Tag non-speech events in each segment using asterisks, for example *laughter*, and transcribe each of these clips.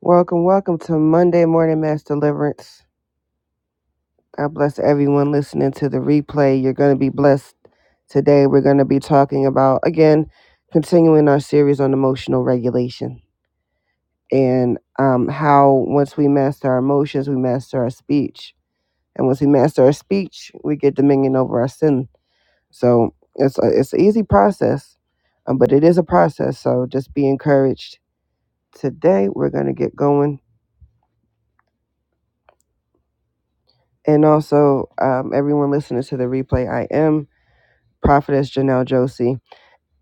Welcome, welcome to Monday Morning Mass Deliverance. God bless everyone listening to the replay. You're going to be blessed today. We're going to be talking about, again, continuing our series on emotional regulation and um, how once we master our emotions, we master our speech. And once we master our speech, we get dominion over our sin. So it's, a, it's an easy process, um, but it is a process. So just be encouraged. Today, we're going to get going And also, um, everyone listening to the replay, I am Prophetess Janelle Josie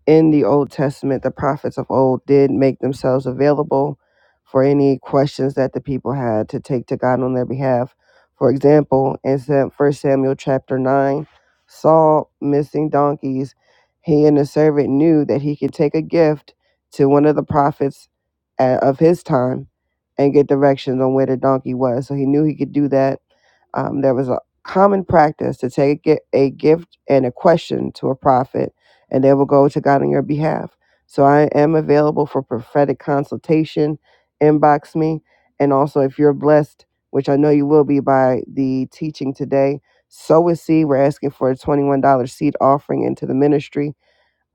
in the Old Testament, the prophets of old did make themselves available for any questions that the people had to take to God on their behalf. For example, in First Samuel chapter 9, Saul missing donkeys, he and the servant knew that he could take a gift to one of the prophets uh, of his time and get directions on where the donkey was. So he knew he could do that. Um, there was a common practice to take a a gift and a question to a prophet and they will go to God on your behalf. So I am available for prophetic consultation. Inbox me. And also, if you're blessed, which I know you will be by the teaching today, sow a seed. We're asking for a $21 seed offering into the ministry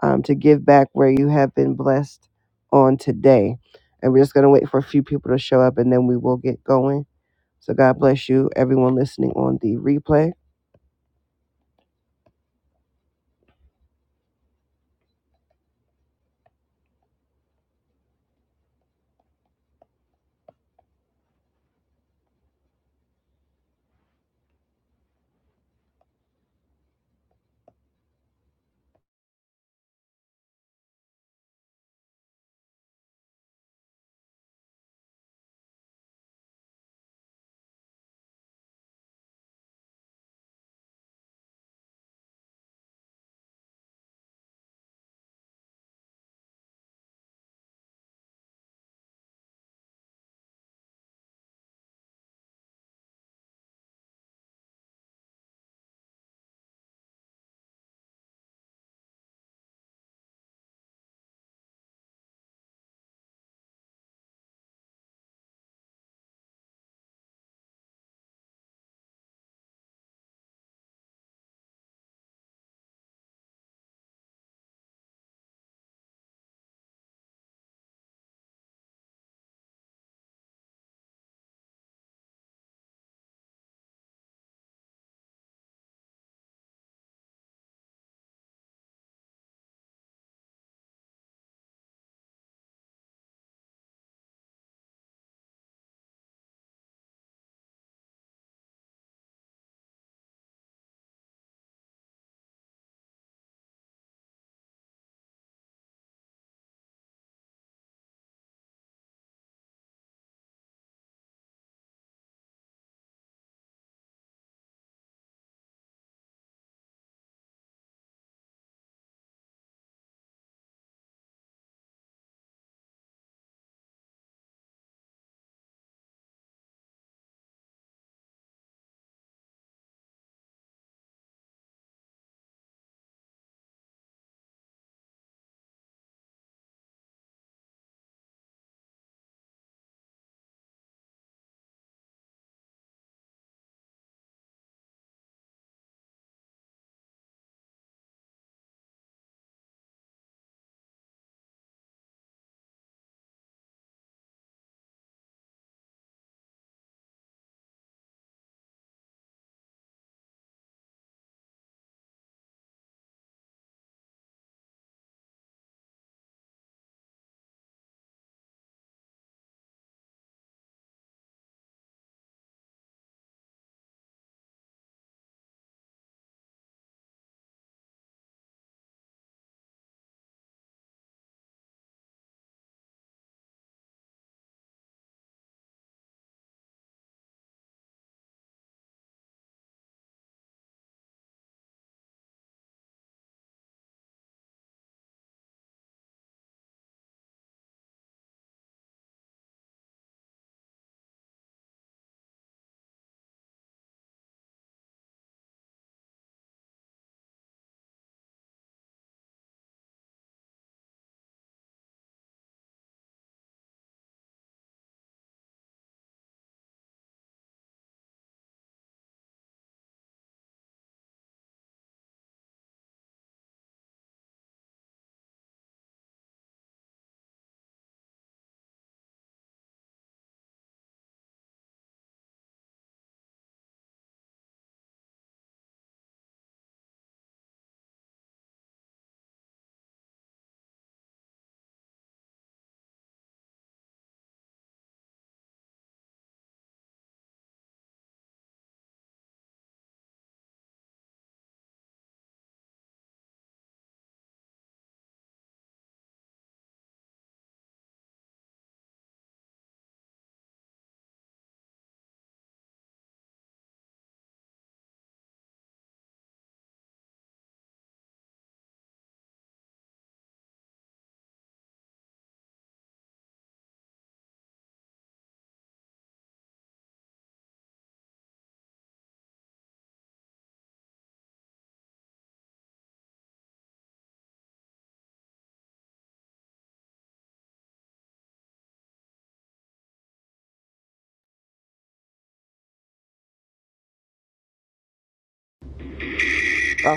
um, to give back where you have been blessed on today. And we're just going to wait for a few people to show up and then we will get going. So God bless you, everyone listening on the replay.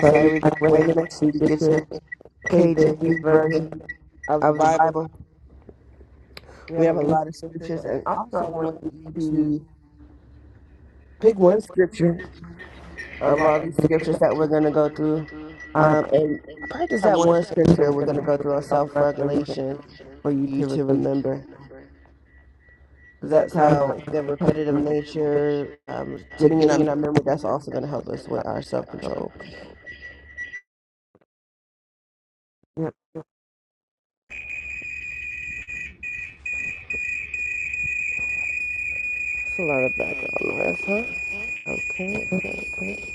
So, every we're way, going to make sure read you this get is your the KJV KJV version version of the of the Bible. Bible. We We have a have a link lot of to this, is- scriptures, and and also I also I want want you you to to pick pick one one scripture scripture of of our all these scriptures that we're going to go through, um, um, and practice I that want one you to we're scripture we're going going to to go through on of frustration self-regulation for for you to you to remember. remember, because That that's how how the the repetitive person nature um, to getting in. getting in I'm our memory. That's also going to help us with our self-control. yeah. It's a lot of background noise, huh? Okay, okay, okay.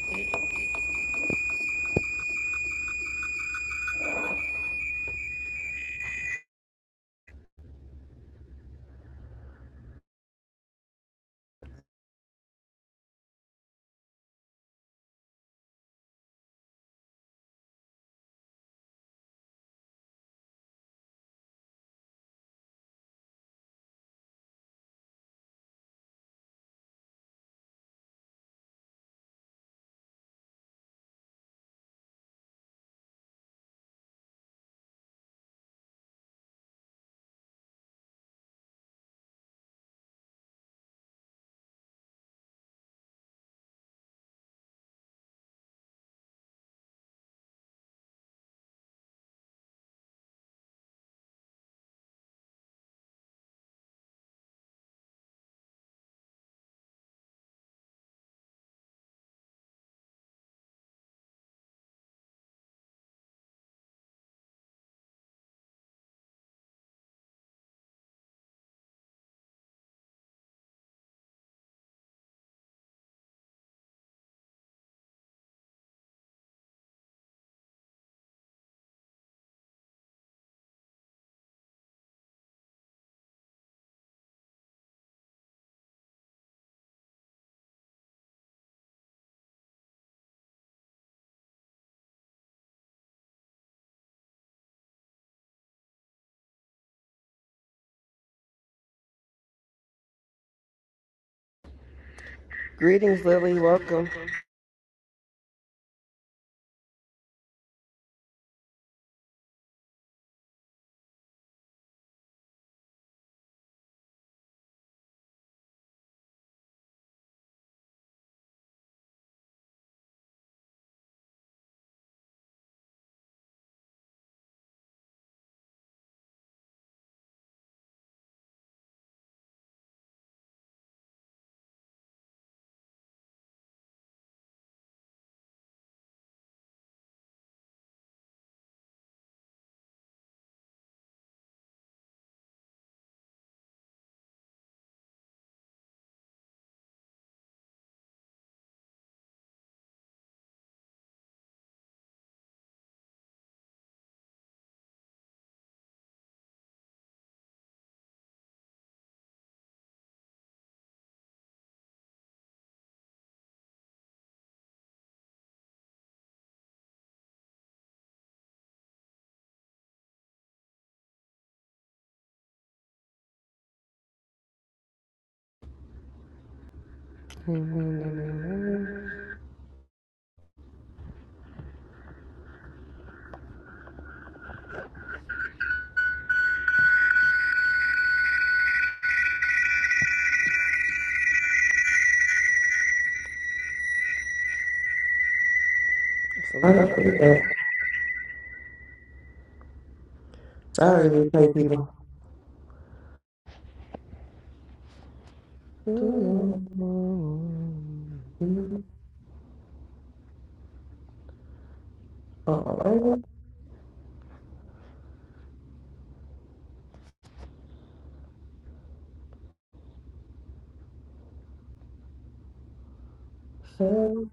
Greetings, Lily. Welcome. It's a I lot of don't see feedback. that. sorry, Sorry, we play replay people. people. Alrighty. So,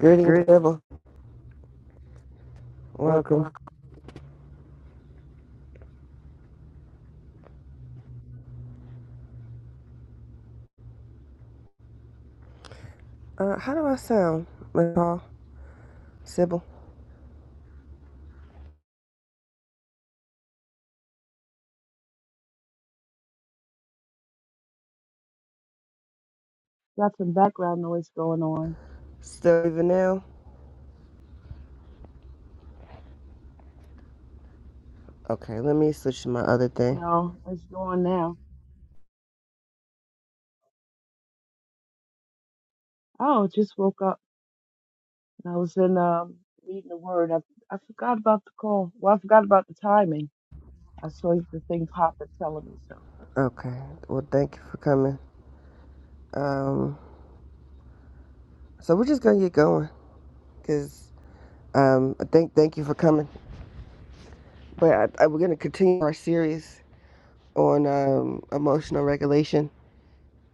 Greetings, Grit, devil. Welcome. welcome. Uh, how do I sound? Like Paul, Sybil, Got some background noise going on. Stevie Vanell? Okay, let me switch to my other thing. No, it's going now. Oh, just woke up. and I was in um reading the word. I I forgot about the call. Well, I forgot about the timing. I saw the thing pop up telling me so. Okay, well, thank you for coming. Um, so we're just gonna get going, cause um, I thank thank you for coming. But I, I, we're gonna continue our series on um, emotional regulation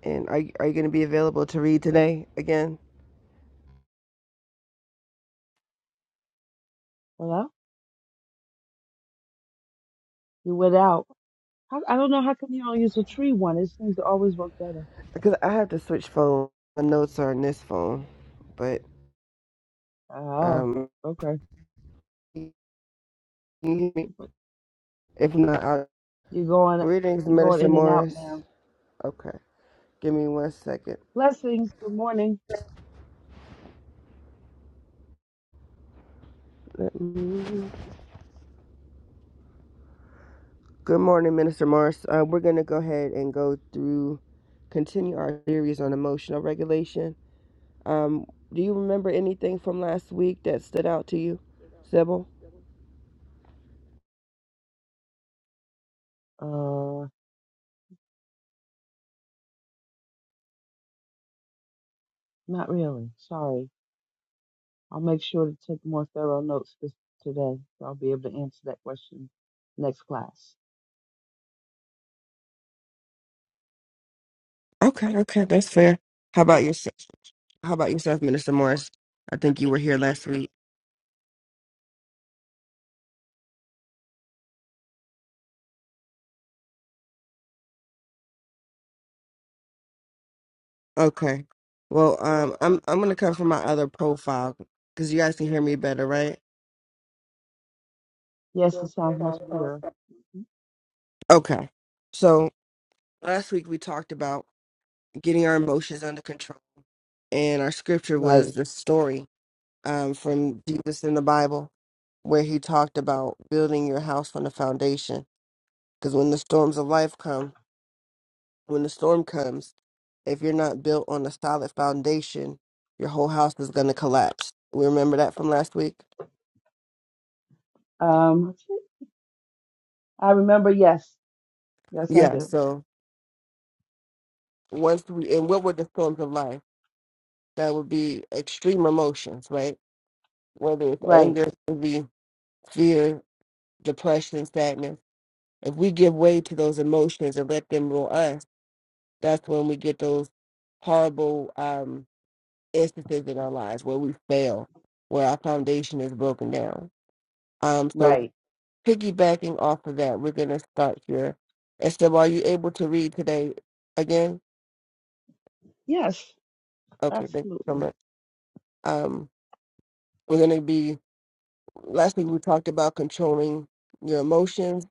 And are are you going to be available to read today again? Hello? You went out. How, I don't know how come you don't use the tree one. It seems to always work better. Because I have to switch phone. My notes are on this phone, but Oh, um, okay. if not, i You're going greetings, you're going Minister in and out Morris. now. Okay, give me one second. Blessings. Good morning. Let me- Good morning, Minister Morris. Uh, we're going to go ahead and go through, continue our series on emotional regulation. Um, do you remember anything from last week that stood out to you, Sybil? Uh, not really. Sorry. I'll make sure to take more thorough notes this, today, so I'll be able to answer that question next class. Okay, okay, that's fair. How about yourself? How about yourself, Minister Morris? I think you were here last week. Okay. Well, um, I'm I'm gonna come from my other profile because you guys can hear me better, right? Yes, it sounds much clearer. Okay. So last week we talked about getting our emotions under control, and our scripture was Right. the story um, from Jesus in the Bible where he talked about building your house on a foundation. Because when the storms of life come, When the storm comes, if you're not built on a solid foundation, your whole house is going to collapse. We remember that from last week? Um, I remember. Yes. Yes, I Yeah. do. So, once we, and what were the storms of life? That would be extreme emotions, right? Whether it's Right. anger, envy, fear, depression, sadness. If we give way to those emotions and let them rule us, that's when we get those horrible um, instances in our lives where we fail, where our foundation is broken down. Um, so Right. piggybacking off of that, we're going to start here. Esther, are you able to read today again? Yes. Okay, thank you so Absolutely. much. Um, we're going to be, last week we talked about controlling your emotions,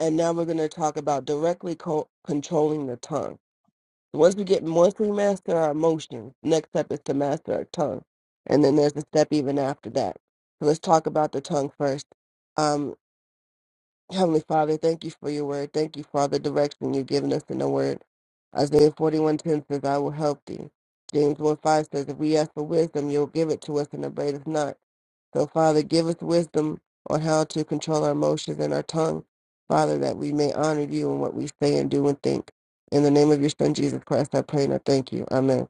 and now we're going to talk about directly co- controlling the tongue. Once we get, once we master our emotions, next step is to master our tongue. And then there's a step even after that. So let's talk about the tongue first. Um, Heavenly Father, thank you for your word. Thank you for all the direction you've given us in the word. Isaiah 41:10 says, I will help thee. James 1 5 says, If we ask for wisdom, you'll give it to us and abate us not. So, Father, give us wisdom on how to control our emotions and our tongue, Father, that we may honor you in what we say and do and think. In the name of your Son, Jesus Christ, I pray and I thank you. Amen.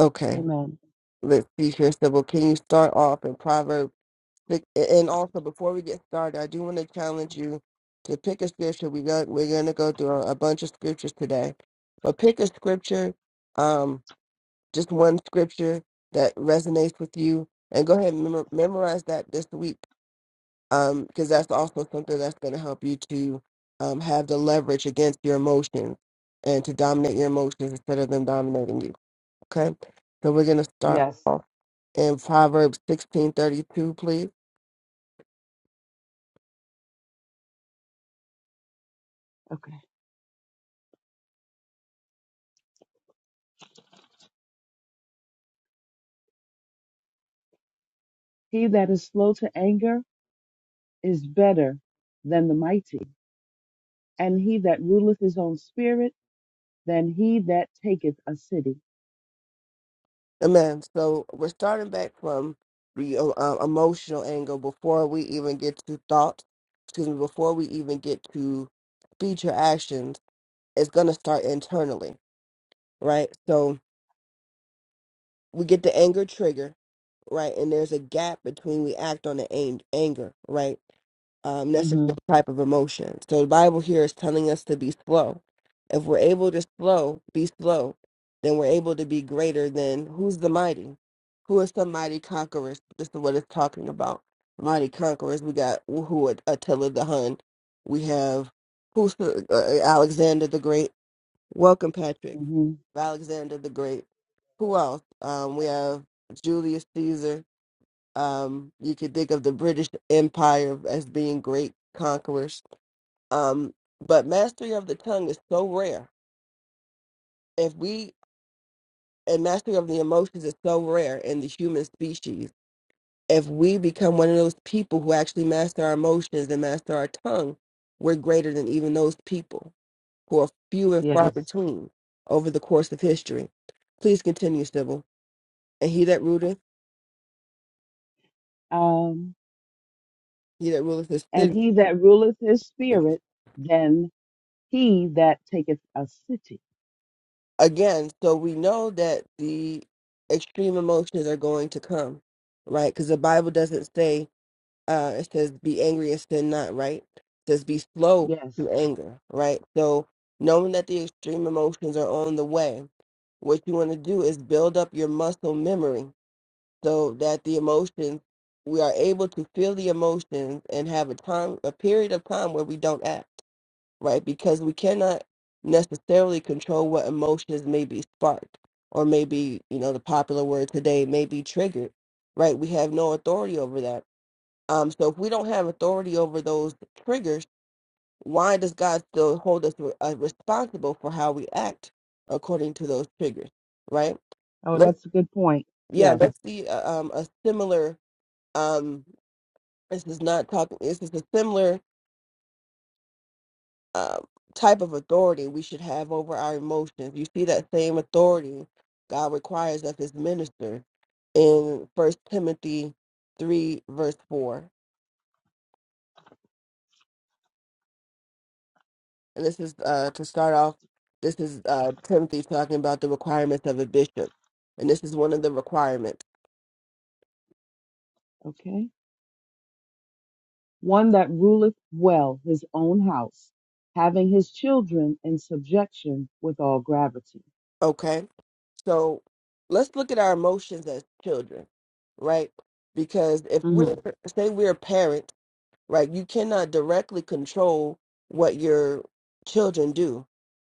Okay, Amen. let's see here, Sybil. Can you start off in Proverbs? Pick, and also, before we get started, I do want to challenge you to pick a scripture. We got we're going to go through a, a bunch of scriptures today, but pick a scripture, um, just one scripture that resonates with you, and go ahead and memor- memorize that this week, um, because that's also something that's going to help you to um, have the leverage against your emotions and to dominate your emotions instead of them dominating you. Okay, so we're going to start. Yes. off and Proverbs 16:32, please? Okay. He that is slow to anger is better than the mighty, and he that ruleth his own spirit than he that taketh a city. Amen. So we're starting back from the uh, uh, emotional angle before we even get to thoughts, excuse me, before we even get to speech or actions, it's going to start internally, right? So we get the anger trigger, right? And there's a gap between we act on the ang- anger, right? Um, that's a Mm-hmm. different type of emotion. So the Bible here is telling us to be slow. If we're able to slow, be slow, then we're able to be greater than who's the mighty? Who is the mighty conquerors? This is what it's talking about. Mighty conquerors. We got who At- Attila the Hun. We have who's the, uh, Alexander the Great. Welcome, Patrick. Mm-hmm. Alexander the Great. Who else? Um, we have Julius Caesar. Um, you could think of the British Empire as being great conquerors. Um, but mastery of the tongue is so rare. If we and mastery of the emotions is so rare in the human species. If we become one of those people who actually master our emotions and master our tongue, we're greater than even those people who are few and far Yes. between over the course of history. Please continue, Sybil. And he that ruled Um. He that ruleth his and city. he that ruleth his spirit than he that taketh a city. Again, so we know that the extreme emotions are going to come, right? Because the Bible doesn't say, uh, it says, be angry and sin not, right? It says, be slow Yes. to anger, right? So knowing that the extreme emotions are on the way, what you want to do is build up your muscle memory so that the emotions, we are able to feel the emotions and have a time, a period of time where we don't act right? Because we cannot necessarily control what emotions may be sparked or maybe, you know, the popular word today may be triggered, right? We have no authority over that. Um, so if we don't have authority over those triggers, why does God still hold us re- uh, responsible for how we act according to those triggers, right? Oh, Let's, that's a good point. yeah, Yes. let's see uh, um, a similar, um, this is not talking, this is a similar um, type of authority we should have over our emotions. You see that same authority God requires of his minister in First Timothy 3, verse 4. And this is uh, to start off, this is uh, Timothy talking about the requirements of a bishop. And this is one of the requirements. Okay. One that ruleth well his own house, having his children in subjection with all gravity. Okay. So let's look at our emotions as children, right? Because if Mm-hmm. we're, say, we're parents, right, you cannot directly control what your children do.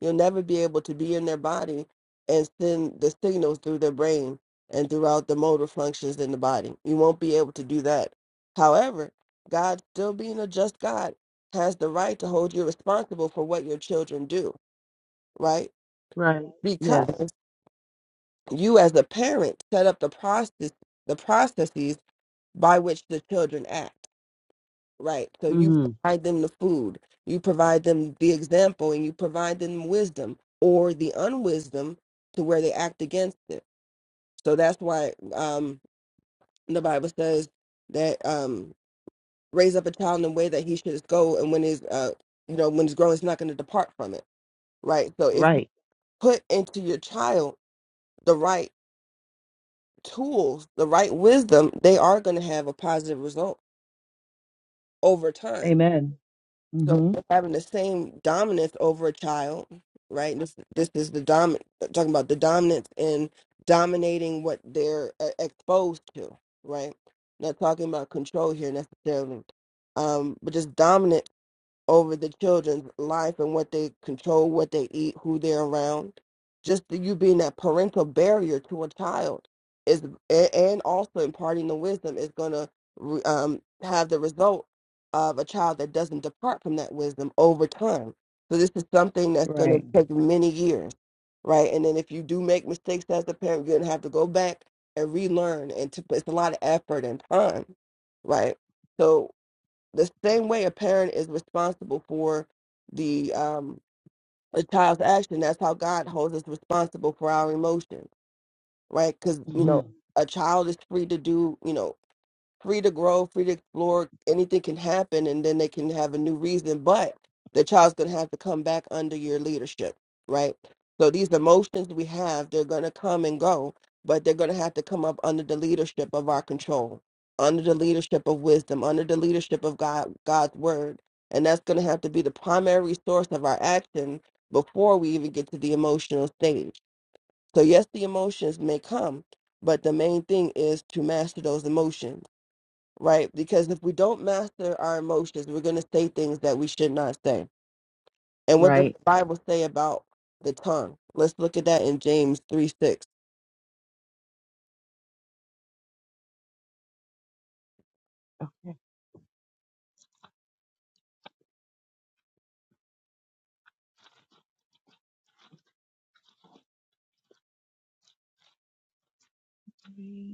You'll never be able to be in their body and send the signals through their brain and throughout the motor functions in the body. You won't be able to do that. However, God, still being a just God, has the right to hold you responsible for what your children do, right? Right. Yes. Because you as a parent set up the process the processes by which the children act right so you Mm-hmm. provide them the food you provide them the example and you provide them wisdom or the unwisdom to where they act against it so that's why um the bible says that um raise up a child in the way that he should go and when he's uh you know when he's grown he's not going to depart from it right so if you Right. put into your child the right tools, the right wisdom, they are going to have a positive result over time. Amen. So Mm-hmm. you're having the same dominance over a child, right? This this is the dom talking about the dominance in dominating what they're uh, exposed to, right? Not talking about control here necessarily, um, but just dominance over the children's life and what they control, what they eat, who they're around. Just the- you being that parental barrier to a child is, a- and also imparting the wisdom is going to um, have the result of a child that doesn't depart from that wisdom over time. So this is something that's going to Right. take many years, right? And then if you do make mistakes as a parent, you're going to have to go back and relearn, and to, it's a lot of effort and time, right? So the same way a parent is responsible for the um a child's action that's how god holds us responsible for our emotions right because you Mm-hmm. know a child is free to do you know free to grow, free to explore. Anything can happen, and then they can have a new reason. But the child's going to have to come back under your leadership, right? So these emotions we have, they're going to come and go, but they're going to have to come up under the leadership of our control, under the leadership of wisdom, under the leadership of God, God's word, and that's going to have to be the primary source of our action before we even get to the emotional stage. So yes, the emotions may come, but the main thing is to master those emotions right? Because if we don't master our emotions, we're going to say things that we should not say. And what does the Right. Bible say about the tongue? Let's look at that in James 3 6. Okay.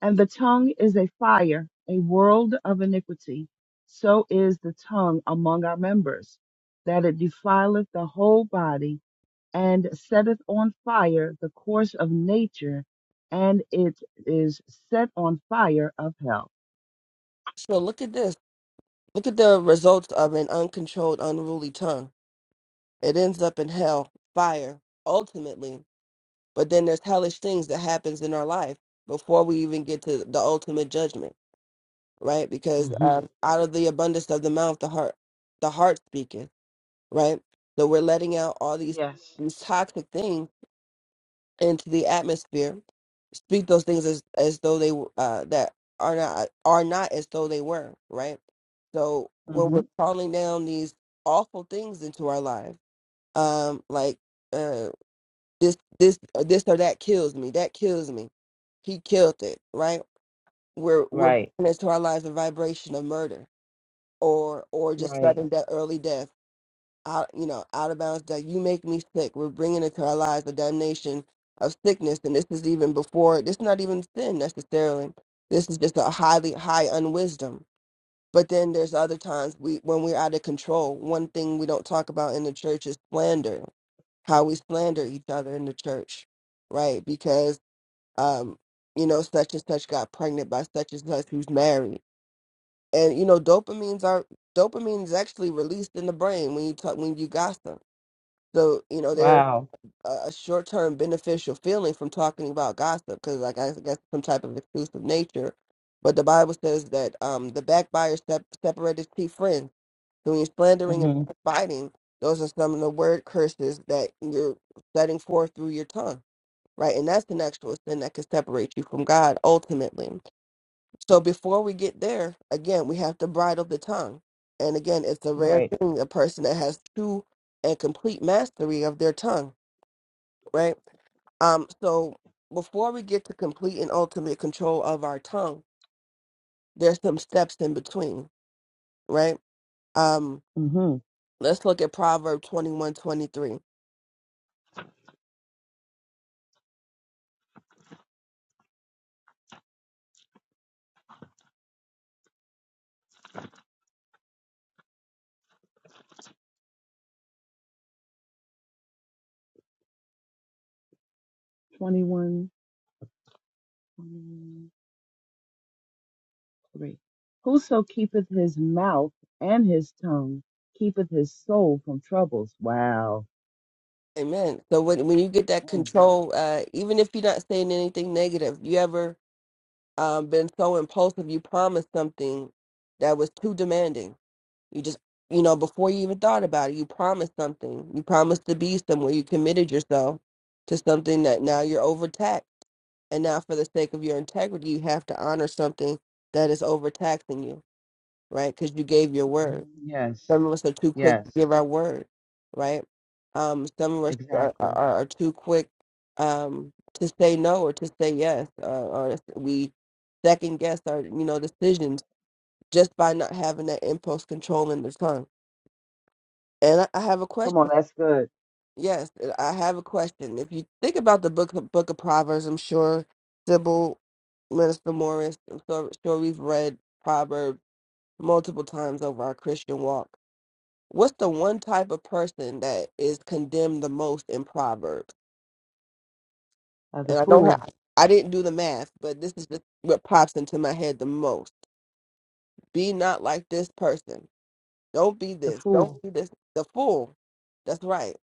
And the tongue is a fire, a world of iniquity. So is the tongue among our members, that it defileth the whole body, and setteth on fire the course of nature, and it is set on fire of hell. So look at this. Look at the results of an uncontrolled, unruly tongue. It ends up in hell, fire, ultimately. But then there's hellish things that happens in our life before we even get to the ultimate judgment, right? Because hmm um, out of the abundance of the mouth, the heart, the heart speaketh right? So we're letting out all these Yes. these toxic things into the atmosphere. Speak those things as as though they w- uh that are not are not as though they were, right? So when hmm we're calling down these awful things into our lives, um, like uh this this uh, this or that kills me, that kills me. He killed it, right? We're we're Right. putting into our lives a vibration of murder or or just Right. sudden de- early death out, you know, out of bounds, that you make me sick. We're bringing into our lives the damnation of sickness. And this is even before, this is not even sin necessarily. This is just a highly high unwisdom. But then there's other times we, when we're out of control, one thing we don't talk about in the church is slander, how we slander each other in the church, right? Because, um, you know, such and such got pregnant by such and such who's married. And, you know, dopamines are, dopamine is actually released in the brain when you talk, when you gossip so, you know, there's Wow. a, a short term beneficial feeling from talking about gossip because, like, I guess some type of exclusive nature. But the Bible says that um, the backbiter sep- separated chief friends. So when you're slandering and hmm backbiting, those are some of the word curses that you're setting forth through your tongue, right? And that's an actual sin that can separate you from God ultimately. So before we get there, again, we have to bridle the tongue. And again, it's a rare Right. thing, a person that has true and complete mastery of their tongue right? Um, so before we get to complete and ultimate control of our tongue, there's some steps in between, right? Um, hmm let's look at Proverb 21 23. 21. 3. Whoso keepeth his mouth and his tongue keepeth his soul from troubles. Wow. Amen. So when when you get that control, uh, even if you're not saying anything negative, you ever um, been so impulsive you promised something that was too demanding? You just, you know, before you even thought about it, you promised something. You promised to be somewhere. You committed yourself to something that now you're overtaxed. And now, for the sake of your integrity, you have to honor something that is overtaxing you, right? Because you gave your Mm-hmm. word. Yes. Some of us are too quick to Yes. give our word, right? Um, some of us are, are, Exactly. are too quick um, to say no or to say yes, uh, or we second guess our, you know, decisions just by not having that impulse control in the tongue and I I have a Come on, question. that's good. Yes, I have a question. If you think about the book, book of Proverbs, I'm sure Sybil, Minister Morris, I'm so- sure we've read Proverbs multiple times over our Christian walk. What's the one type of person that is condemned the most in Proverbs? Uh, the And I don't fool. have, I didn't do the math, but this is just what pops into my head the most. Be not like this person. Don't be The this. Don't fool. be this. The fool. That's right.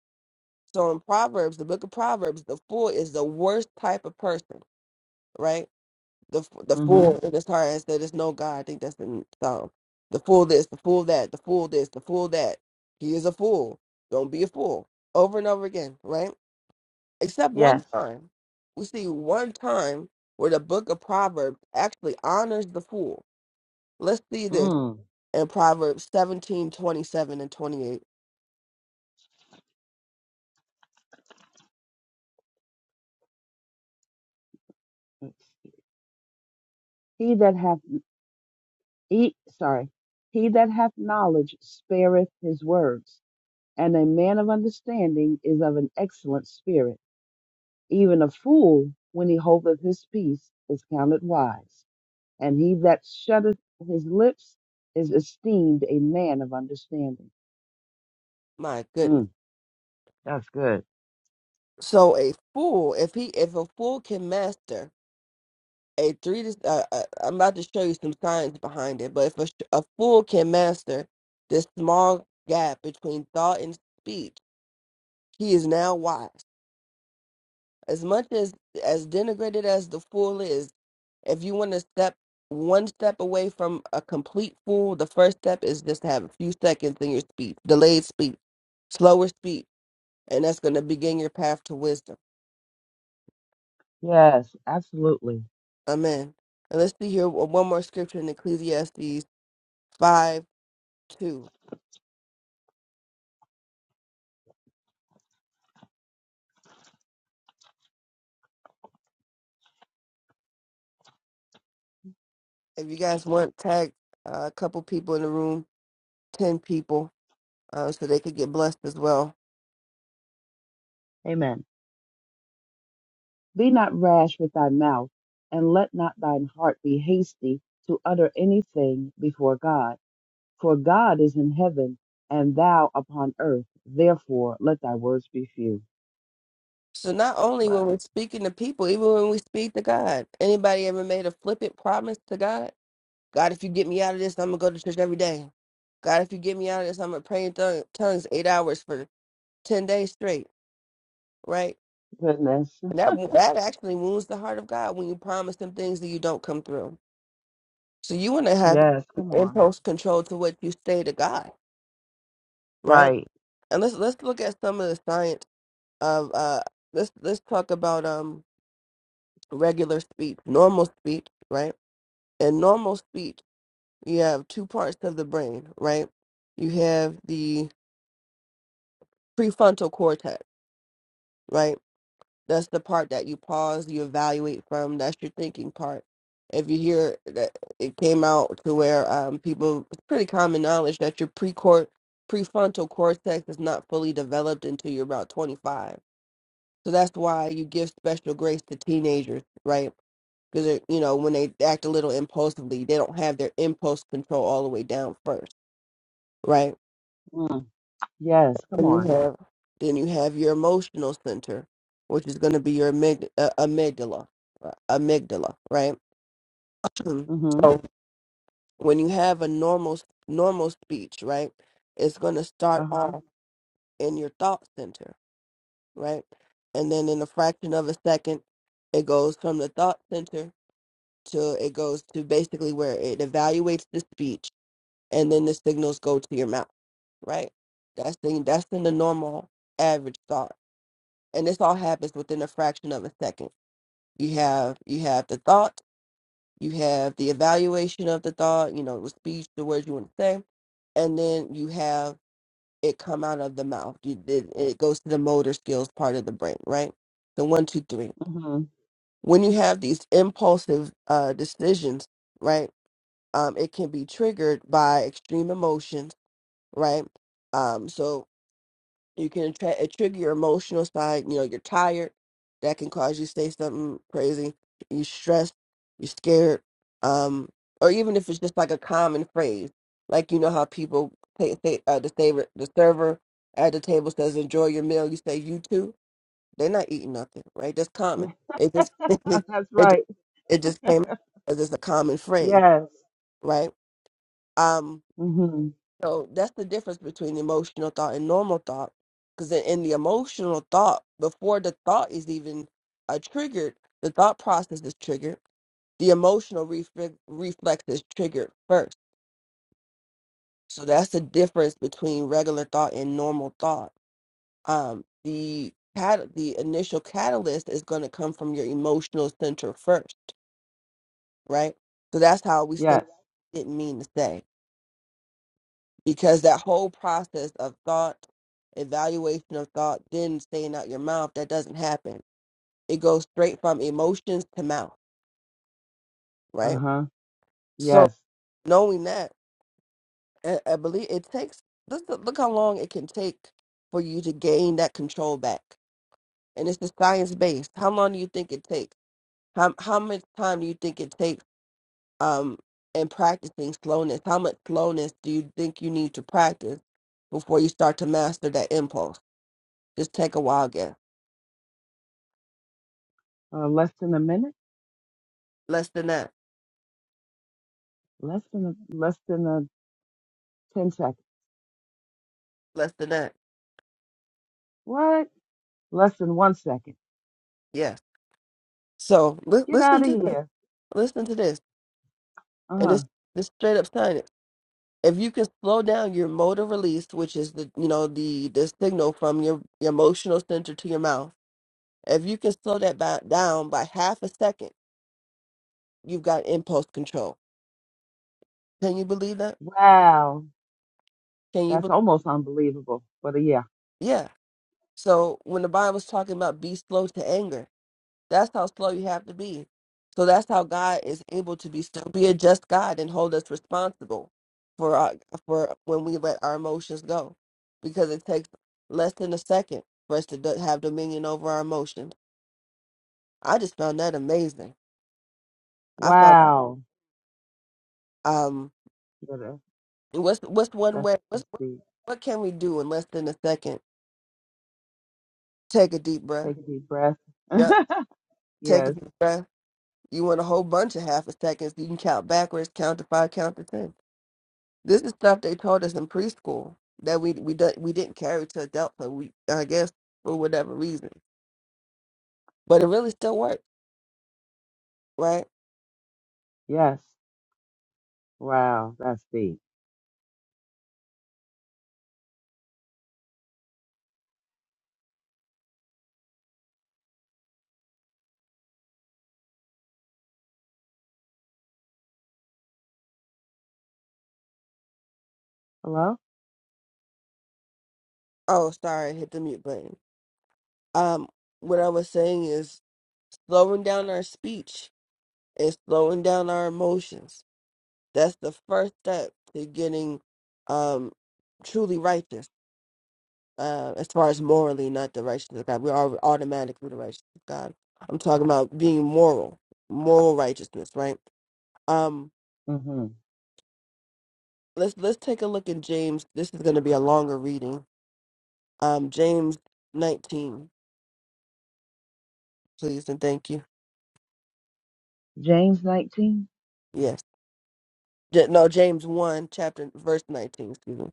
So in Proverbs, the book of Proverbs, the fool is the worst type of person, right? The the hmm fool in his heart has said, "There's no God." I think that's in Psalm. The fool this, the fool that, the fool this, the fool that. He is a fool. Don't be a fool. Over and over again, right? Except one Yes. time, we see one time where the book of Proverbs actually honors the fool. Let's see this Mm. in Proverbs 17 27 and 28. He that hath he sorry. He that hath knowledge spareth his words, and a man of understanding is of an excellent spirit. Even a fool, when he holdeth his peace, is counted wise. and he that shutteth his lips is esteemed a man of understanding. My goodness. Mm, that's good. So a fool, if he if a fool can master a three to uh, uh, I'm about to show you some science behind it, but if a, sh- a fool can master this small gap between thought and speech, he is now wise. As much as as denigrated as the fool is, if you want to step one step away from a complete fool, the first step is just to have a few seconds in your speech, delayed speech, slower speech, and that's going to begin your path to wisdom. Yes, absolutely. Amen. And let's see here uh, one more scripture in Ecclesiastes five two. If you guys want, tag uh, a couple people in the room, 10 people, uh, so they could get blessed as well. Amen. Be not rash with thy mouth, and let not thine heart be hasty to utter anything before God. For God is in heaven, and thou upon earth. Therefore, let thy words be few. So not only Wow. when we're speaking to people, even when we speak to God. Anybody ever made a flippant promise to God? God, if you get me out of this, I'm going to go to church every day. God, if you get me out of this, I'm going to pray in tongue- tongues eight hours for 10 days straight, right? Goodness. And that, that actually wounds the heart of God when you promise him things that you don't come through. So you want to have Yes, come on. impulse control to what you say to God, right? Right. and let's let's look at some of the science of uh let's let's talk about um regular speech normal speech right in normal speech you have two parts of the brain right you have the prefrontal cortex right that's the part that you pause you evaluate from that's your thinking part if you hear that it came out to where um people it's pretty common knowledge that your pre precor prefrontal cortex is not fully developed until you're about 25 So that's why you give special grace to teenagers, right? Because you know when they act a little impulsively, they don't have their impulse control all the way down first, right? Mm, yes, come And you on. have then you have your emotional center, which is going to be your amygd- uh, amygdala, uh, amygdala, right? Mhm. Mm-hmm. so when you have a normal normal speech, right, it's going to start Uh-huh. off in your thought center, right, and then in a fraction of a second, it goes from the thought center to it goes to basically where it evaluates the speech and then the signals go to your mouth, right? That's the that's in the normal average thought. And this all happens within a fraction of a second. You have you have the thought, you have the evaluation of the thought, you know, the speech, the words you want to say, and then you have it come out of the mouth. You, it, it goes to the motor skills part of the brain, right? So one, two, three. Mm-hmm. When you have these impulsive uh, decisions, right? um, it can be triggered by extreme emotions, right? Um, so you can tra- uh, trigger your emotional side. You know, you're tired, that can cause you to say something crazy. You're stressed, you're scared, um, or even if it's just like a common phrase, like you know how people say, say uh, the server, the server at the table says, "Enjoy your meal." You say, "You too." They're not eating nothing, right? That's common. It just *laughs* it *laughs* That's just right. it just came out as it's a common phrase, Yes. right? Um, Mm. hmm So that's the difference between emotional thought and normal thought. Because in, in the emotional thought, before the thought is even uh, triggered, the thought process is triggered. The emotional reflex reflex is triggered first. So that's the difference between regular thought and normal thought. Um, the cat the initial catalyst is going to come from your emotional center first, right? So that's how we say Yes. didn't mean to say. because that whole process of thought, evaluation of thought, then saying out your mouth, that doesn't happen. It goes straight from emotions to mouth, right? Uh-huh. So Yes. knowing that, I, I believe it takes. Look, look how long it can take for you to gain that control back, and it's the science based. How long do you think it takes? How how much time do you think it takes? Um, in practicing slowness, how much slowness do you think you need to practice before you start to master that impulse? Just take a wild guess. Uh, less than a minute? less than that, Less than a less than a ten second. less than that. What? Less than one second. Yes. So li- Get out listen of to this. here. Listen to this, and Uh-huh. this this straight up science. If you can slow down your motor release, which is the you know the the signal from your, your emotional center to your mouth, if you can slow that by, down by half a second, you've got impulse control. Can you believe that? Wow. Can you? Be- That's almost unbelievable. But uh, yeah. yeah. So when the Bible's talking about be slow to anger, That's how slow you have to be. So that's how God is able to be still be a just God and hold us responsible for our, for when we let our emotions go, because it takes less than a second for us to do, have dominion over our emotions. I just found that amazing. I found Wow. um Yeah, that- what's what's one that's way that's what's what deep. what can we do in less than a second? Take a deep breath. Take a deep breath. Yep, take a Yes. deep breath. You want a whole bunch of half a seconds. You can count backwards, count to five, count to ten This is stuff they told us in preschool that we we don't we didn't carry to adulthood. We I guess for whatever reason, but it really still worked, right? Yes. Wow. That's deep. Hello? Oh, sorry, I hit the mute button. Um, what I was saying is slowing down our speech and slowing down our emotions. That's the first step to getting um truly righteous. Uh, as far as morally, not the righteousness of God, we are automatically the righteousness of God. I'm talking about being moral, moral righteousness, right? Um, Mm-hmm. let's let's take a look in James. This is going to be a longer reading. Um, James nineteen, please and thank you. James nineteen? Yes, J- no, James one, chapter verse nineteen. Excuse me.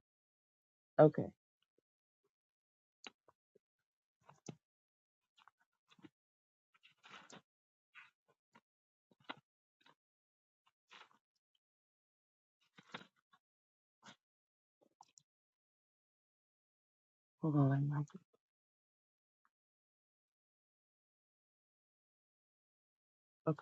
Okay. Hold on, Mike.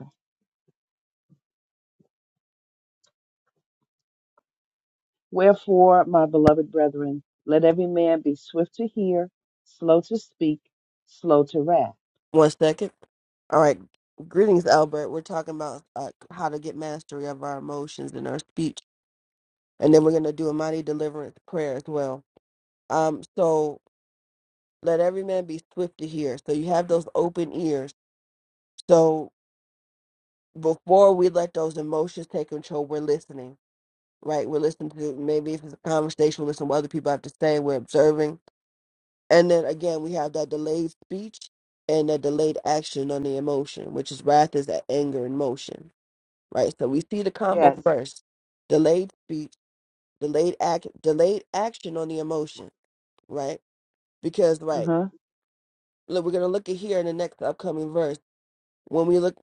Wherefore, my beloved brethren, let every man be swift to hear, slow to speak, slow to wrath. One second. All right. Greetings, Albert. We're talking about uh, how to get mastery of our emotions and our speech, and then we're going to do a mighty deliverance prayer as well. Um, so let every man be swift to hear. So you have those open ears. So before we let those emotions take control, we're listening right? We're listening to maybe if it's a conversation, we listen to what other people have to say. We're observing, and then again, we have that delayed speech and that delayed action on the emotion, which is wrath is that anger in motion, right? So we see the combo Yes. first: delayed speech, delayed act, delayed action on the emotion, right? Because Uh right, huh. look, we're gonna look at here in the next upcoming verse when we look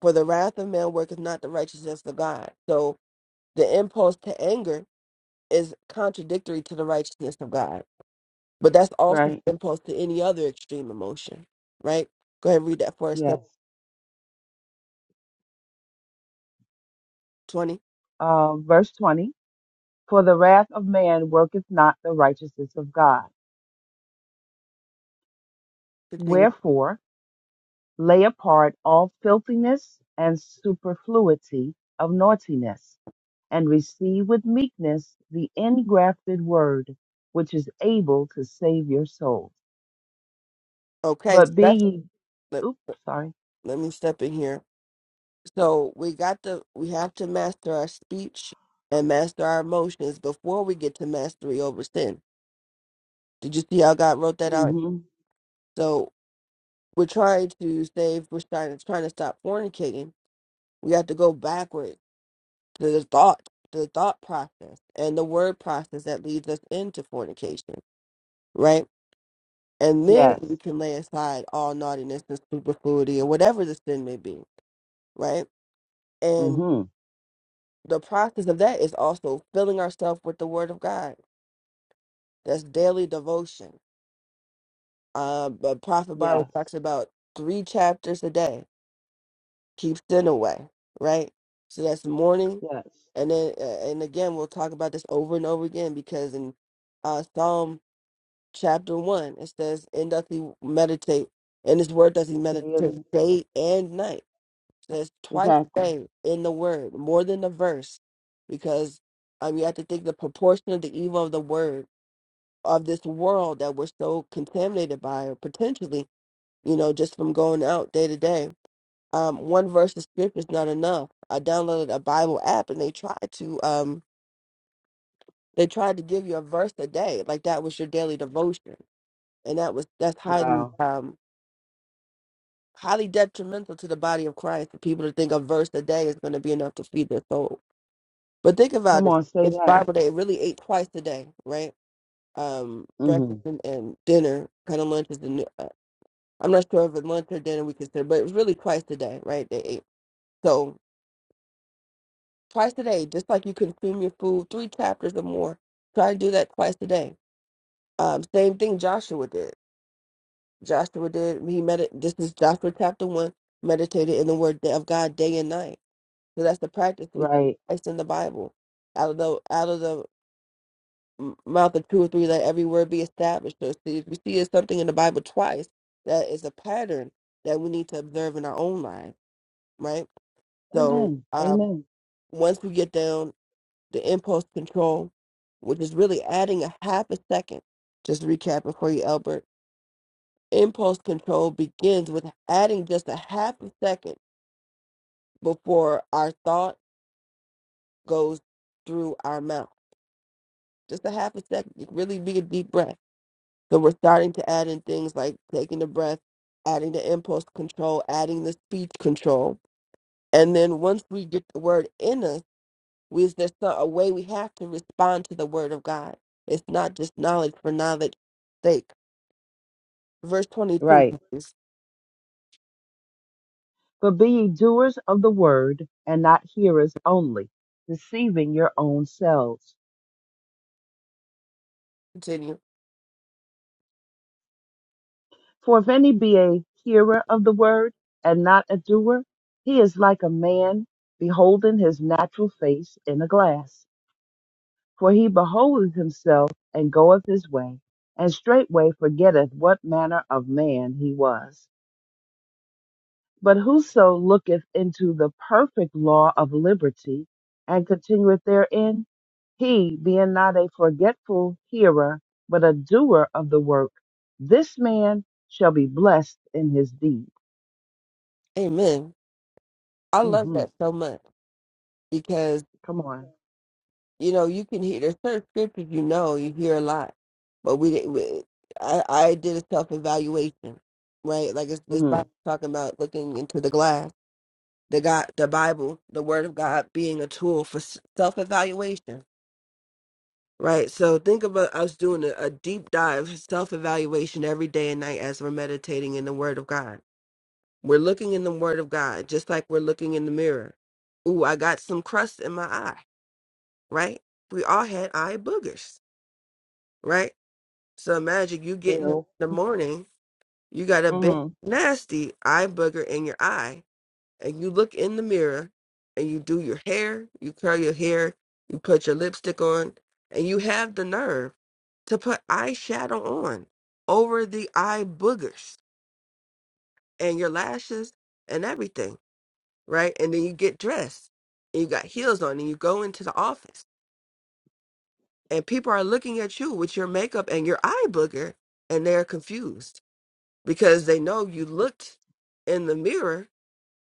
for the wrath of man worketh not the righteousness of God. So the impulse to anger is contradictory to the righteousness of God But that's also Right. the impulse to any other extreme emotion, right? Go ahead and read that for us. Step Yes. 20, Uh, verse 20 For the wrath of man worketh not the righteousness of God. fifteen. Wherefore, lay apart all filthiness and superfluity of naughtiness, and receive with meekness the ingrafted word, which is able to save your souls. Okay, so But be that's, ye, let, oops, sorry. let me step in here. So we got to, we have to master our speech and master our emotions before we get to mastery over sin. Did you see how God wrote that out? So we're trying to say if we're trying, to, trying to stop fornicating, we have to go backward to the thought, to the thought process and the word process that leads us into fornication, right? And then Yes. we can lay aside all naughtiness and superfluity and whatever the sin may be, right? And hmm the process of that is also filling ourselves with the Word of God. That's daily devotion. Uh, but Prophet Barber Yes. talks about three chapters a day. Keep sin away, right? So that's morning, Yes. and then uh, and again we'll talk about this over and over again because in uh, Psalm chapter one it says, "In doth he meditate, and his word does he Stay meditate in day and night." says twice a exactly. day in the word, more than a verse, because um, you have to think the proportion of the evil of the word of this world that we're so contaminated by, or potentially, you know, just from going out day to day. Um, one verse of scripture is not enough. I downloaded a Bible app, and they tried to um, they tried to give you a verse a day, like that was your daily devotion, and that was that's highly Wow. um, highly detrimental to the body of Christ. For people to think a verse a day is going to be enough to feed their soul But think about Come it. on, say It's that. Bible day. It really ate twice a day, right? Um, hmm breakfast and, and dinner. Kind of lunch is the. new- Uh, I'm not sure if it's lunch or dinner we consider, but it was really twice a day, right? They ate so twice a day, just like you consume your food, three chapters or more. Try to do that twice a day. Um, same thing Joshua did. Joshua did. He med. This is Joshua chapter one. Meditated in the word of God day and night. So that's the practice we. Right. It's in the Bible. Out of the out of the m- mouth of two or three, let every word be established. So see, if we see it's something in the Bible twice, that is a pattern that we need to observe in our own lives, right? So Amen. um, Amen. once we get down the impulse control, which is really adding a half a second, just to recap it for you, Albert, impulse control begins with adding just a half a second before our thought goes through our mouth. Just a half a second. Really be a deep breath So we're starting to add in things like taking the breath, adding the impulse control, adding the speech control. And then once we get the word in us, we, is there so- a way we have to respond to the word of God? It's not just knowledge for knowledge sake. Verse 22, Right. please But be ye doers of the word and not hearers only, deceiving your own selves. continue. For if any be a hearer of the word and not a doer, he is like a man beholding his natural face in a glass For he beholdeth himself and goeth his way, and straightway forgetteth what manner of man he was. But whoso looketh into the perfect law of liberty, and continueth therein, he, being not a forgetful hearer, but a doer of the work, this man shall be blessed in his deed. Amen. I love hmm that so much because Come on. you know, you can hear there's certain scriptures you know you hear a lot, but we didn't. We, I I did a self evaluation, right? Like it's this hmm Bible talking about looking into the glass, the God, the Bible, the Word of God being a tool for self evaluation, right? So think about us doing a, a deep dive self evaluation every day and night as we're meditating in the Word of God. We're looking in the Word of God, just like we're looking in the mirror. Ooh, I got some crust in my eye, right? We all had eye boogers right? So imagine you getting up in Ew. the morning, you got a big hmm nasty eye booger in your eye, and you look in the mirror and you do your hair, you curl your hair, you put your lipstick on, and you have the nerve to put eyeshadow on over the eye boogers and your lashes and everything, right? And then you get dressed and you got heels on and you go into the office and people are looking at you with your makeup and your eye booger and they're confused because they know you looked in the mirror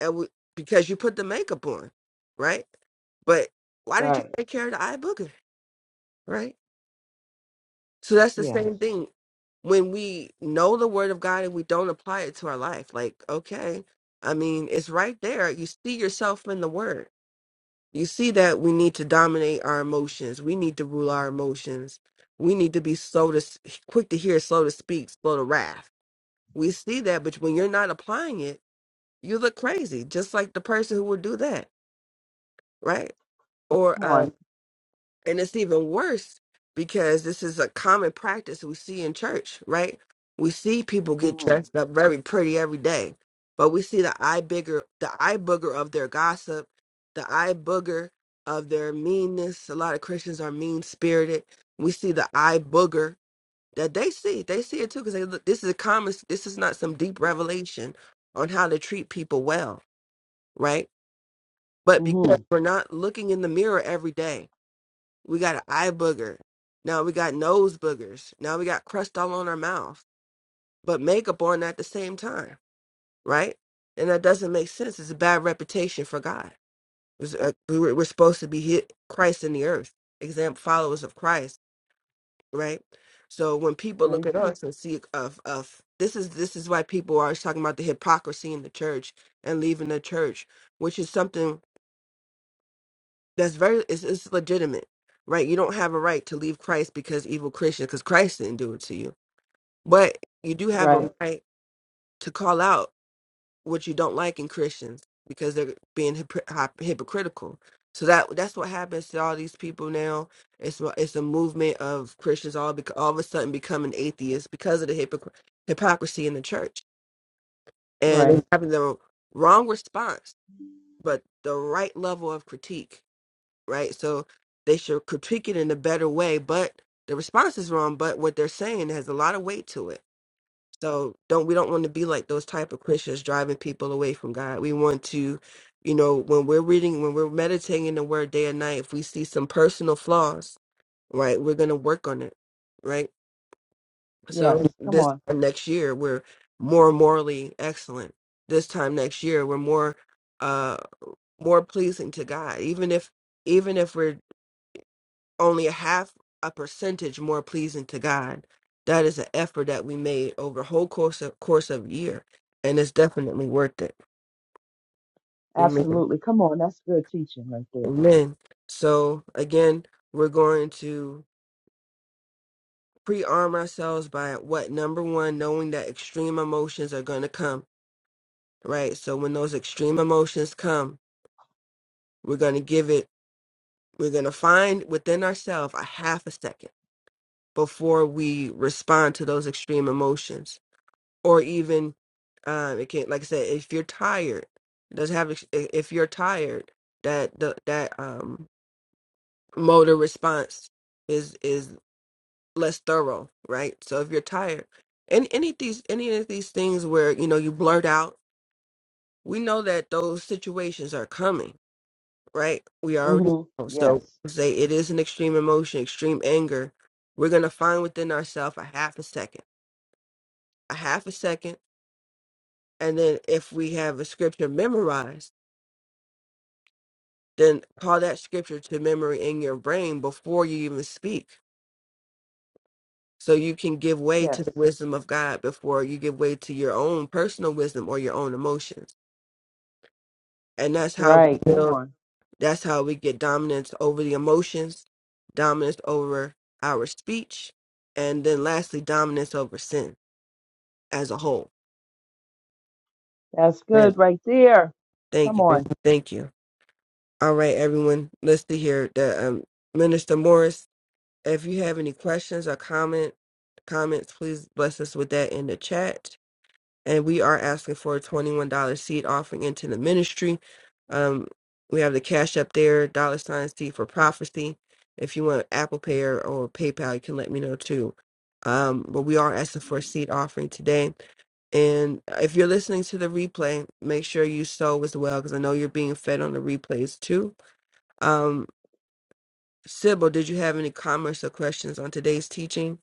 and w- because you put the makeup on, right? But why did you Right. take care of the eye booger, right? So that's the Yes. same thing when we know the word of God and we don't apply it to our life. Like, okay, I mean, it's right there. You see yourself in the word. You see that we need to dominate our emotions. We need to rule our emotions. We need to be slow to s- quick to hear, slow to speak, slow to wrath. We see that, but when you're not applying it you look crazy, just like the person who would do that, right? Or Come on. um, and it's even worse because this is a common practice we see in church, right? We see people get hmm dressed up very pretty every day, but we see the eye bigger, the eye booger of their gossip, the eye booger of their meanness. A lot of Christians are mean spirited. We see the eye booger that they see. They see it too because they look. This is a common. This is not some deep revelation on how to treat people well, right? But because hmm we're not looking in the mirror every day, we got an eye booger. Now we got nose boogers. Now we got crust all on our mouth, but makeup on at the same time, right? And that doesn't make sense. It's a bad reputation for God. It's, uh, we were- We're supposed to be hit Christ in the earth, example followers of Christ, right? So when people Very look at true. us and see of of this is this is why people are always talking about the hypocrisy in the church and leaving the church, which is something that's very it's, it's legitimate right you don't have a right to leave christ because evil christians because christ didn't do it to you but you do have Right. a right to call out what you don't like in christians because they're being hypocr- hyp- hypocritical so that that's what happens to all these people now it's a- it's a movement of christians all bec- all of a sudden becoming atheists because of the hypocr- hypocrisy in the church Right. and having the wrong response but the right level of critique right? So they should critique it in a better way, but the response is wrong, but what they're saying has a lot of weight to it. So don't we don't want to be like those type of Christians driving people away from God. We want to, you know, when we're reading, when we're meditating the word day and night, if we see some personal flaws, right, we're gonna work on it. Right. Yes, So come this on. time next year we're more morally excellent. This time next year we're more uh more pleasing to God. Even if even if we're only a half a percentage more pleasing to God. That is an effort that we made over a whole course of course of year, and it's definitely worth it. Amen. Absolutely. Come on. That's good teaching right there. Amen. So again, we're going to pre-arm ourselves by what number one, knowing that extreme emotions are going to come. Right. So when those extreme emotions come, we're going to give it. We're going to find within ourselves a half a second before we respond to those extreme emotions or even um it can like i said if you're tired it doesn't have ex- i- if you're tired that the that um motor response is is less thorough right so if you're tired and any of these any of these things where you know you blurt out we know that those situations are coming right we already hmm know Yes. so say it is an extreme emotion extreme anger we're going to find within ourselves a half a second a half a second and then if we have a scripture memorized then call that scripture to memory in your brain before you even speak so you can give way Yes. to the wisdom of god before you give way to your own personal wisdom or your own emotions and that's how we Right. Come build on. that's how we get dominance over the emotions dominance over our speech and then lastly dominance over sin as a whole That's man good right there. thank Come you thank on. you thank you all right everyone let's see here the um, minister morris If you have any questions or comment comments, please bless us with that in the chat. And we are asking for a twenty-one dollar seed offering into the ministry. Um, we have the cash up there, dollar sign seed for prophecy. If you want Apple Pay or, or PayPal, you can let me know too. Um, but we are asking for a seed offering today. And if you're listening to the replay, make sure you sow as well because I know you're being fed on the replays too. Um, Sybil, did you have any comments or questions on today's teaching?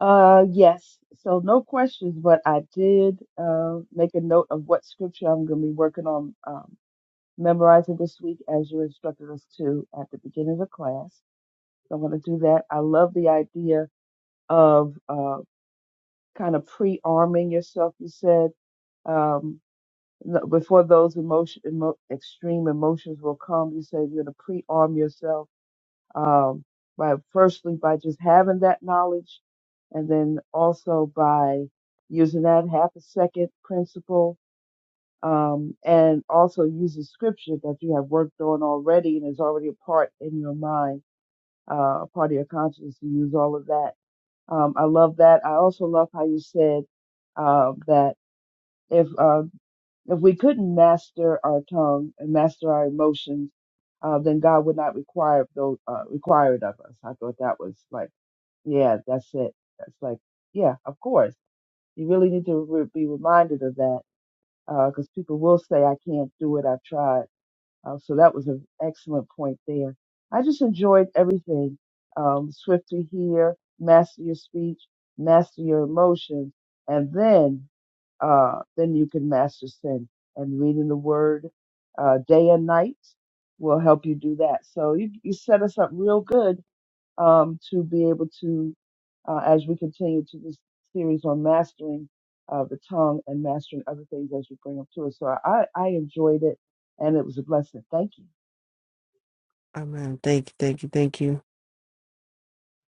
Uh yes. So no questions, but I did uh make a note of what scripture I'm gonna be working on um memorizing this week as you instructed us to at the beginning of the class. So I'm gonna do that. I love the idea of uh kind of pre-arming yourself, you said Um, No, before those emotion, emo, extreme emotions will come, you said you're going to pre-arm yourself um, by firstly by just having that knowledge, and then also by using that half a second principle, um, and also using scripture that you have worked on already and is already a part in your mind, uh, a part of your consciousness. You use all of that. Um, I love that. I also love how you said uh, that if uh, if we couldn't master our tongue and master our emotions, uh, then God would not require those uh, require it of us. I thought that was like, yeah, that's it. That's like, yeah, of course. You really need to re- be reminded of that because people will say, "I can't do it. I've tried." Uh, so that was an excellent point there. I just enjoyed everything. Um, swift to hear, master your speech, master your emotions, and then uh, then you can master sin. And reading the word uh, day and night will help you do that. So you, you set us up real good um, to be able to, uh, as we continue to this series on mastering uh, the tongue and mastering other things as you bring them to us. So I, I enjoyed it and it was a blessing. Thank you. Amen. Thank you, thank you, thank you.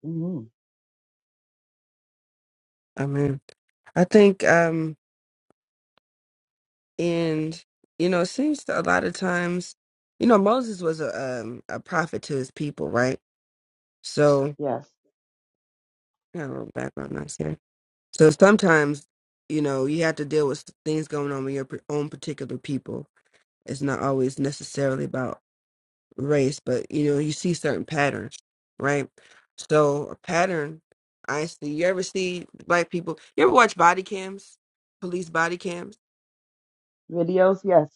hmm Amen. I think um and you know, it seems to a lot of times, you know, Moses was a um a prophet to his people, right? So Yes. I got a little background noise here. So sometimes, you know, you have to deal with things going on with your p- own particular people. It's not always necessarily about race, but you know, you see certain patterns, right? So a pattern I see you ever see black people you ever watch body cams? police body cams? Videos, yes.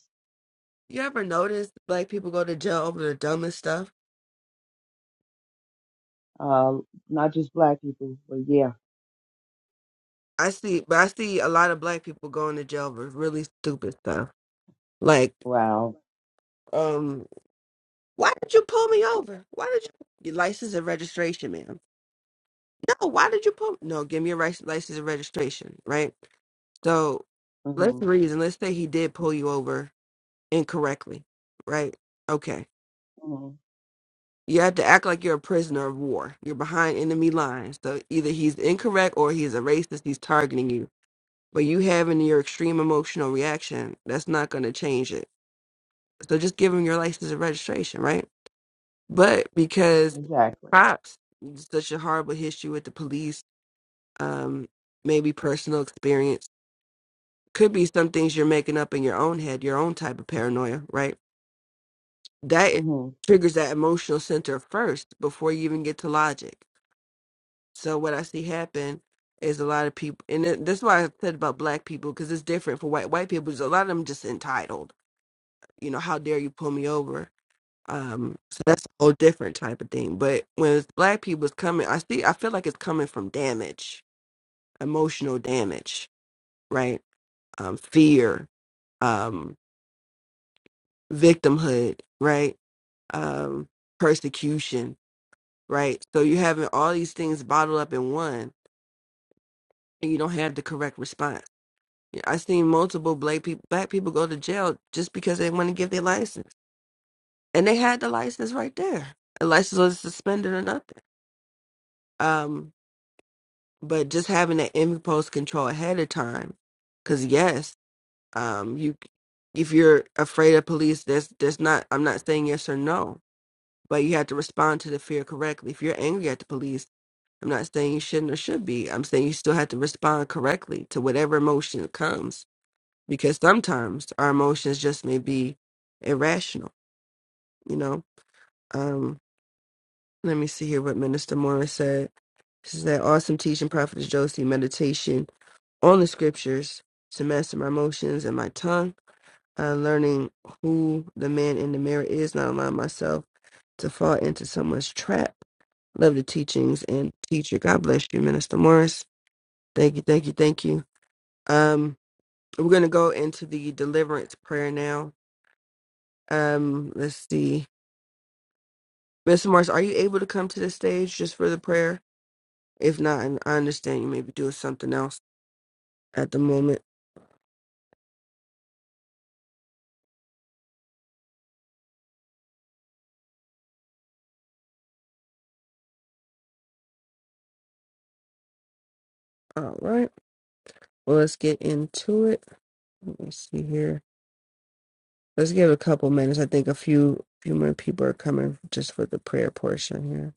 You ever notice black people go to jail over the dumbest stuff? Uh, not just black people, but yeah. I see, but I see a lot of black people going to jail for really stupid stuff. Like, Wow. um, why did you pull me over? Why did you your license and registration, ma'am? No, why did you pull? No, give me your rice- license and registration, right? So, let's hmm reason. Let's say he did pull you over incorrectly, right? Okay. hmm You have to act like you're a prisoner of war. You're behind enemy lines. So either he's incorrect or he's a racist. He's targeting you But you having your extreme emotional reaction, that's not going to change it. So just give them your license and registration, right? But because Exactly. cops, such a horrible history with the police, um, maybe personal experience, could be some things you're making up in your own head, your own type of paranoia, right? That hmm triggers that emotional center first before you even get to logic. So what I see happen is a lot of people, and it- that's why I said about black people because it's different for white white people. Is a lot of them just entitled you know, how dare you pull me over? Um, so that's a whole different type of thing. But when it's black people's coming, I see, I feel like it's coming from damage, emotional damage, right? Um, fear, um, victimhood, right? Um, persecution, right? So you're having all these things bottled up in one, and you don't have the correct response. Yeah, I've seen multiple black people, black people go to jail just because they want to give their license, and they had the license right there. The license was suspended or nothing Um, but just having that impulse control ahead of time, because yes, um, you if you're afraid of police, that's that's not. I'm not saying yes or no, but you have to respond to the fear correctly. If you're angry at the police, I'm not saying you shouldn't or should be. I'm saying you still have to respond correctly to whatever emotion comes, because sometimes our emotions just may be irrational. You know. Um, let me see here what Minister Morris said. She said, "Awesome teaching, Prophet Josie. Meditation." on the scriptures to master my motions and my tongue, uh, learning who the man in the mirror is, not allowing myself to fall into someone's trap. Love the teachings and teacher. God bless you, Minister Morris. Thank you, thank you, thank you. Um, we're gonna go into the deliverance prayer now. Um, let's see, Minister Morris, are you able to come to the stage just for the prayer? If not, and I understand you may be doing something else at the moment. All right, well, let's get into it. Let me see here. Let's give it a couple minutes. I think a few few more people are coming just for the prayer portion here.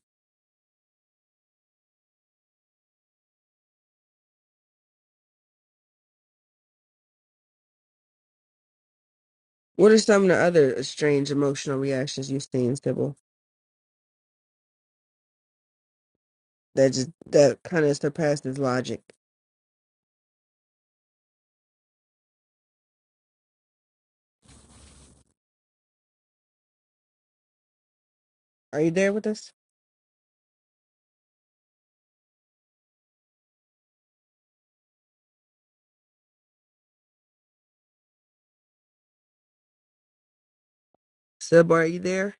What are some of the other strange emotional reactions you've seen, Sybil? That just that kind of surpasses logic. Are you there with us, Sybil? Are you there?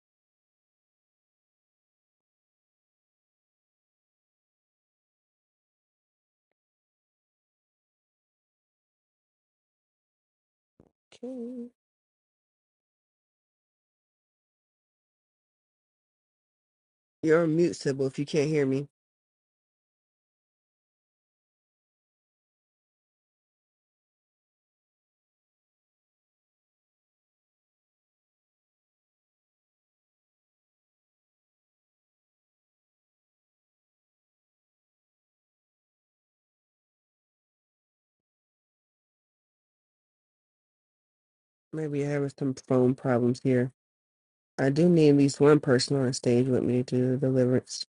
Okay, you're on mute, Sybil. If you can't hear me, maybe you're having some phone problems here. I do need at least one person on stage with me to do the deliverance.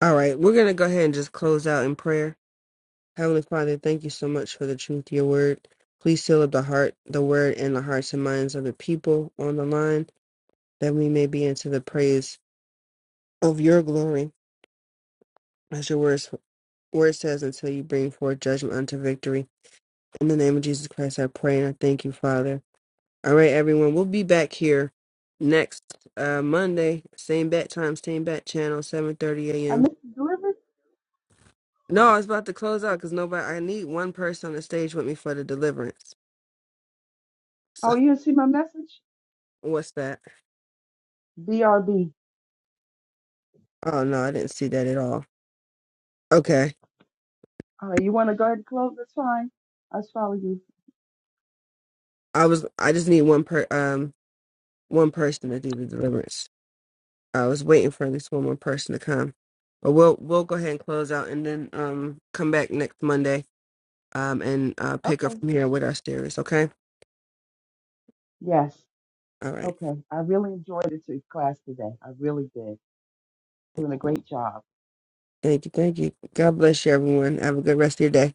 All right, we're gonna go ahead and just close out in prayer. Heavenly Father, thank you so much for the truth of your word. Please seal up the heart, the word, and the hearts and minds of the people on the line, that we may be into the praise of your glory, as your words, word says, until you bring forth judgment unto victory. In the name of Jesus Christ, I pray and I thank you, Father. All right, everyone, we'll be back here next uh, Monday, same bat time, same bat channel, 7:30 I a.m. missed the delivery. No, I was about to close out because nobody. I need one person on the stage with me for the deliverance. *laughs* So Oh, you didn't see my message? what's that? BRB. Oh no, I didn't see that at all. Okay. All right, you want to go ahead and close? That's fine. I just follow you. I was I just need one per um one person to do the deliverance. I was waiting for at least one more person to come. But we'll we'll go ahead and close out and then um come back next Monday um and uh pick up Okay. from here with our series, okay? Yes. All right. Okay. I really enjoyed this class today. I really did. Doing a great job. Thank you, thank you. God bless you everyone. Have a good rest of your day.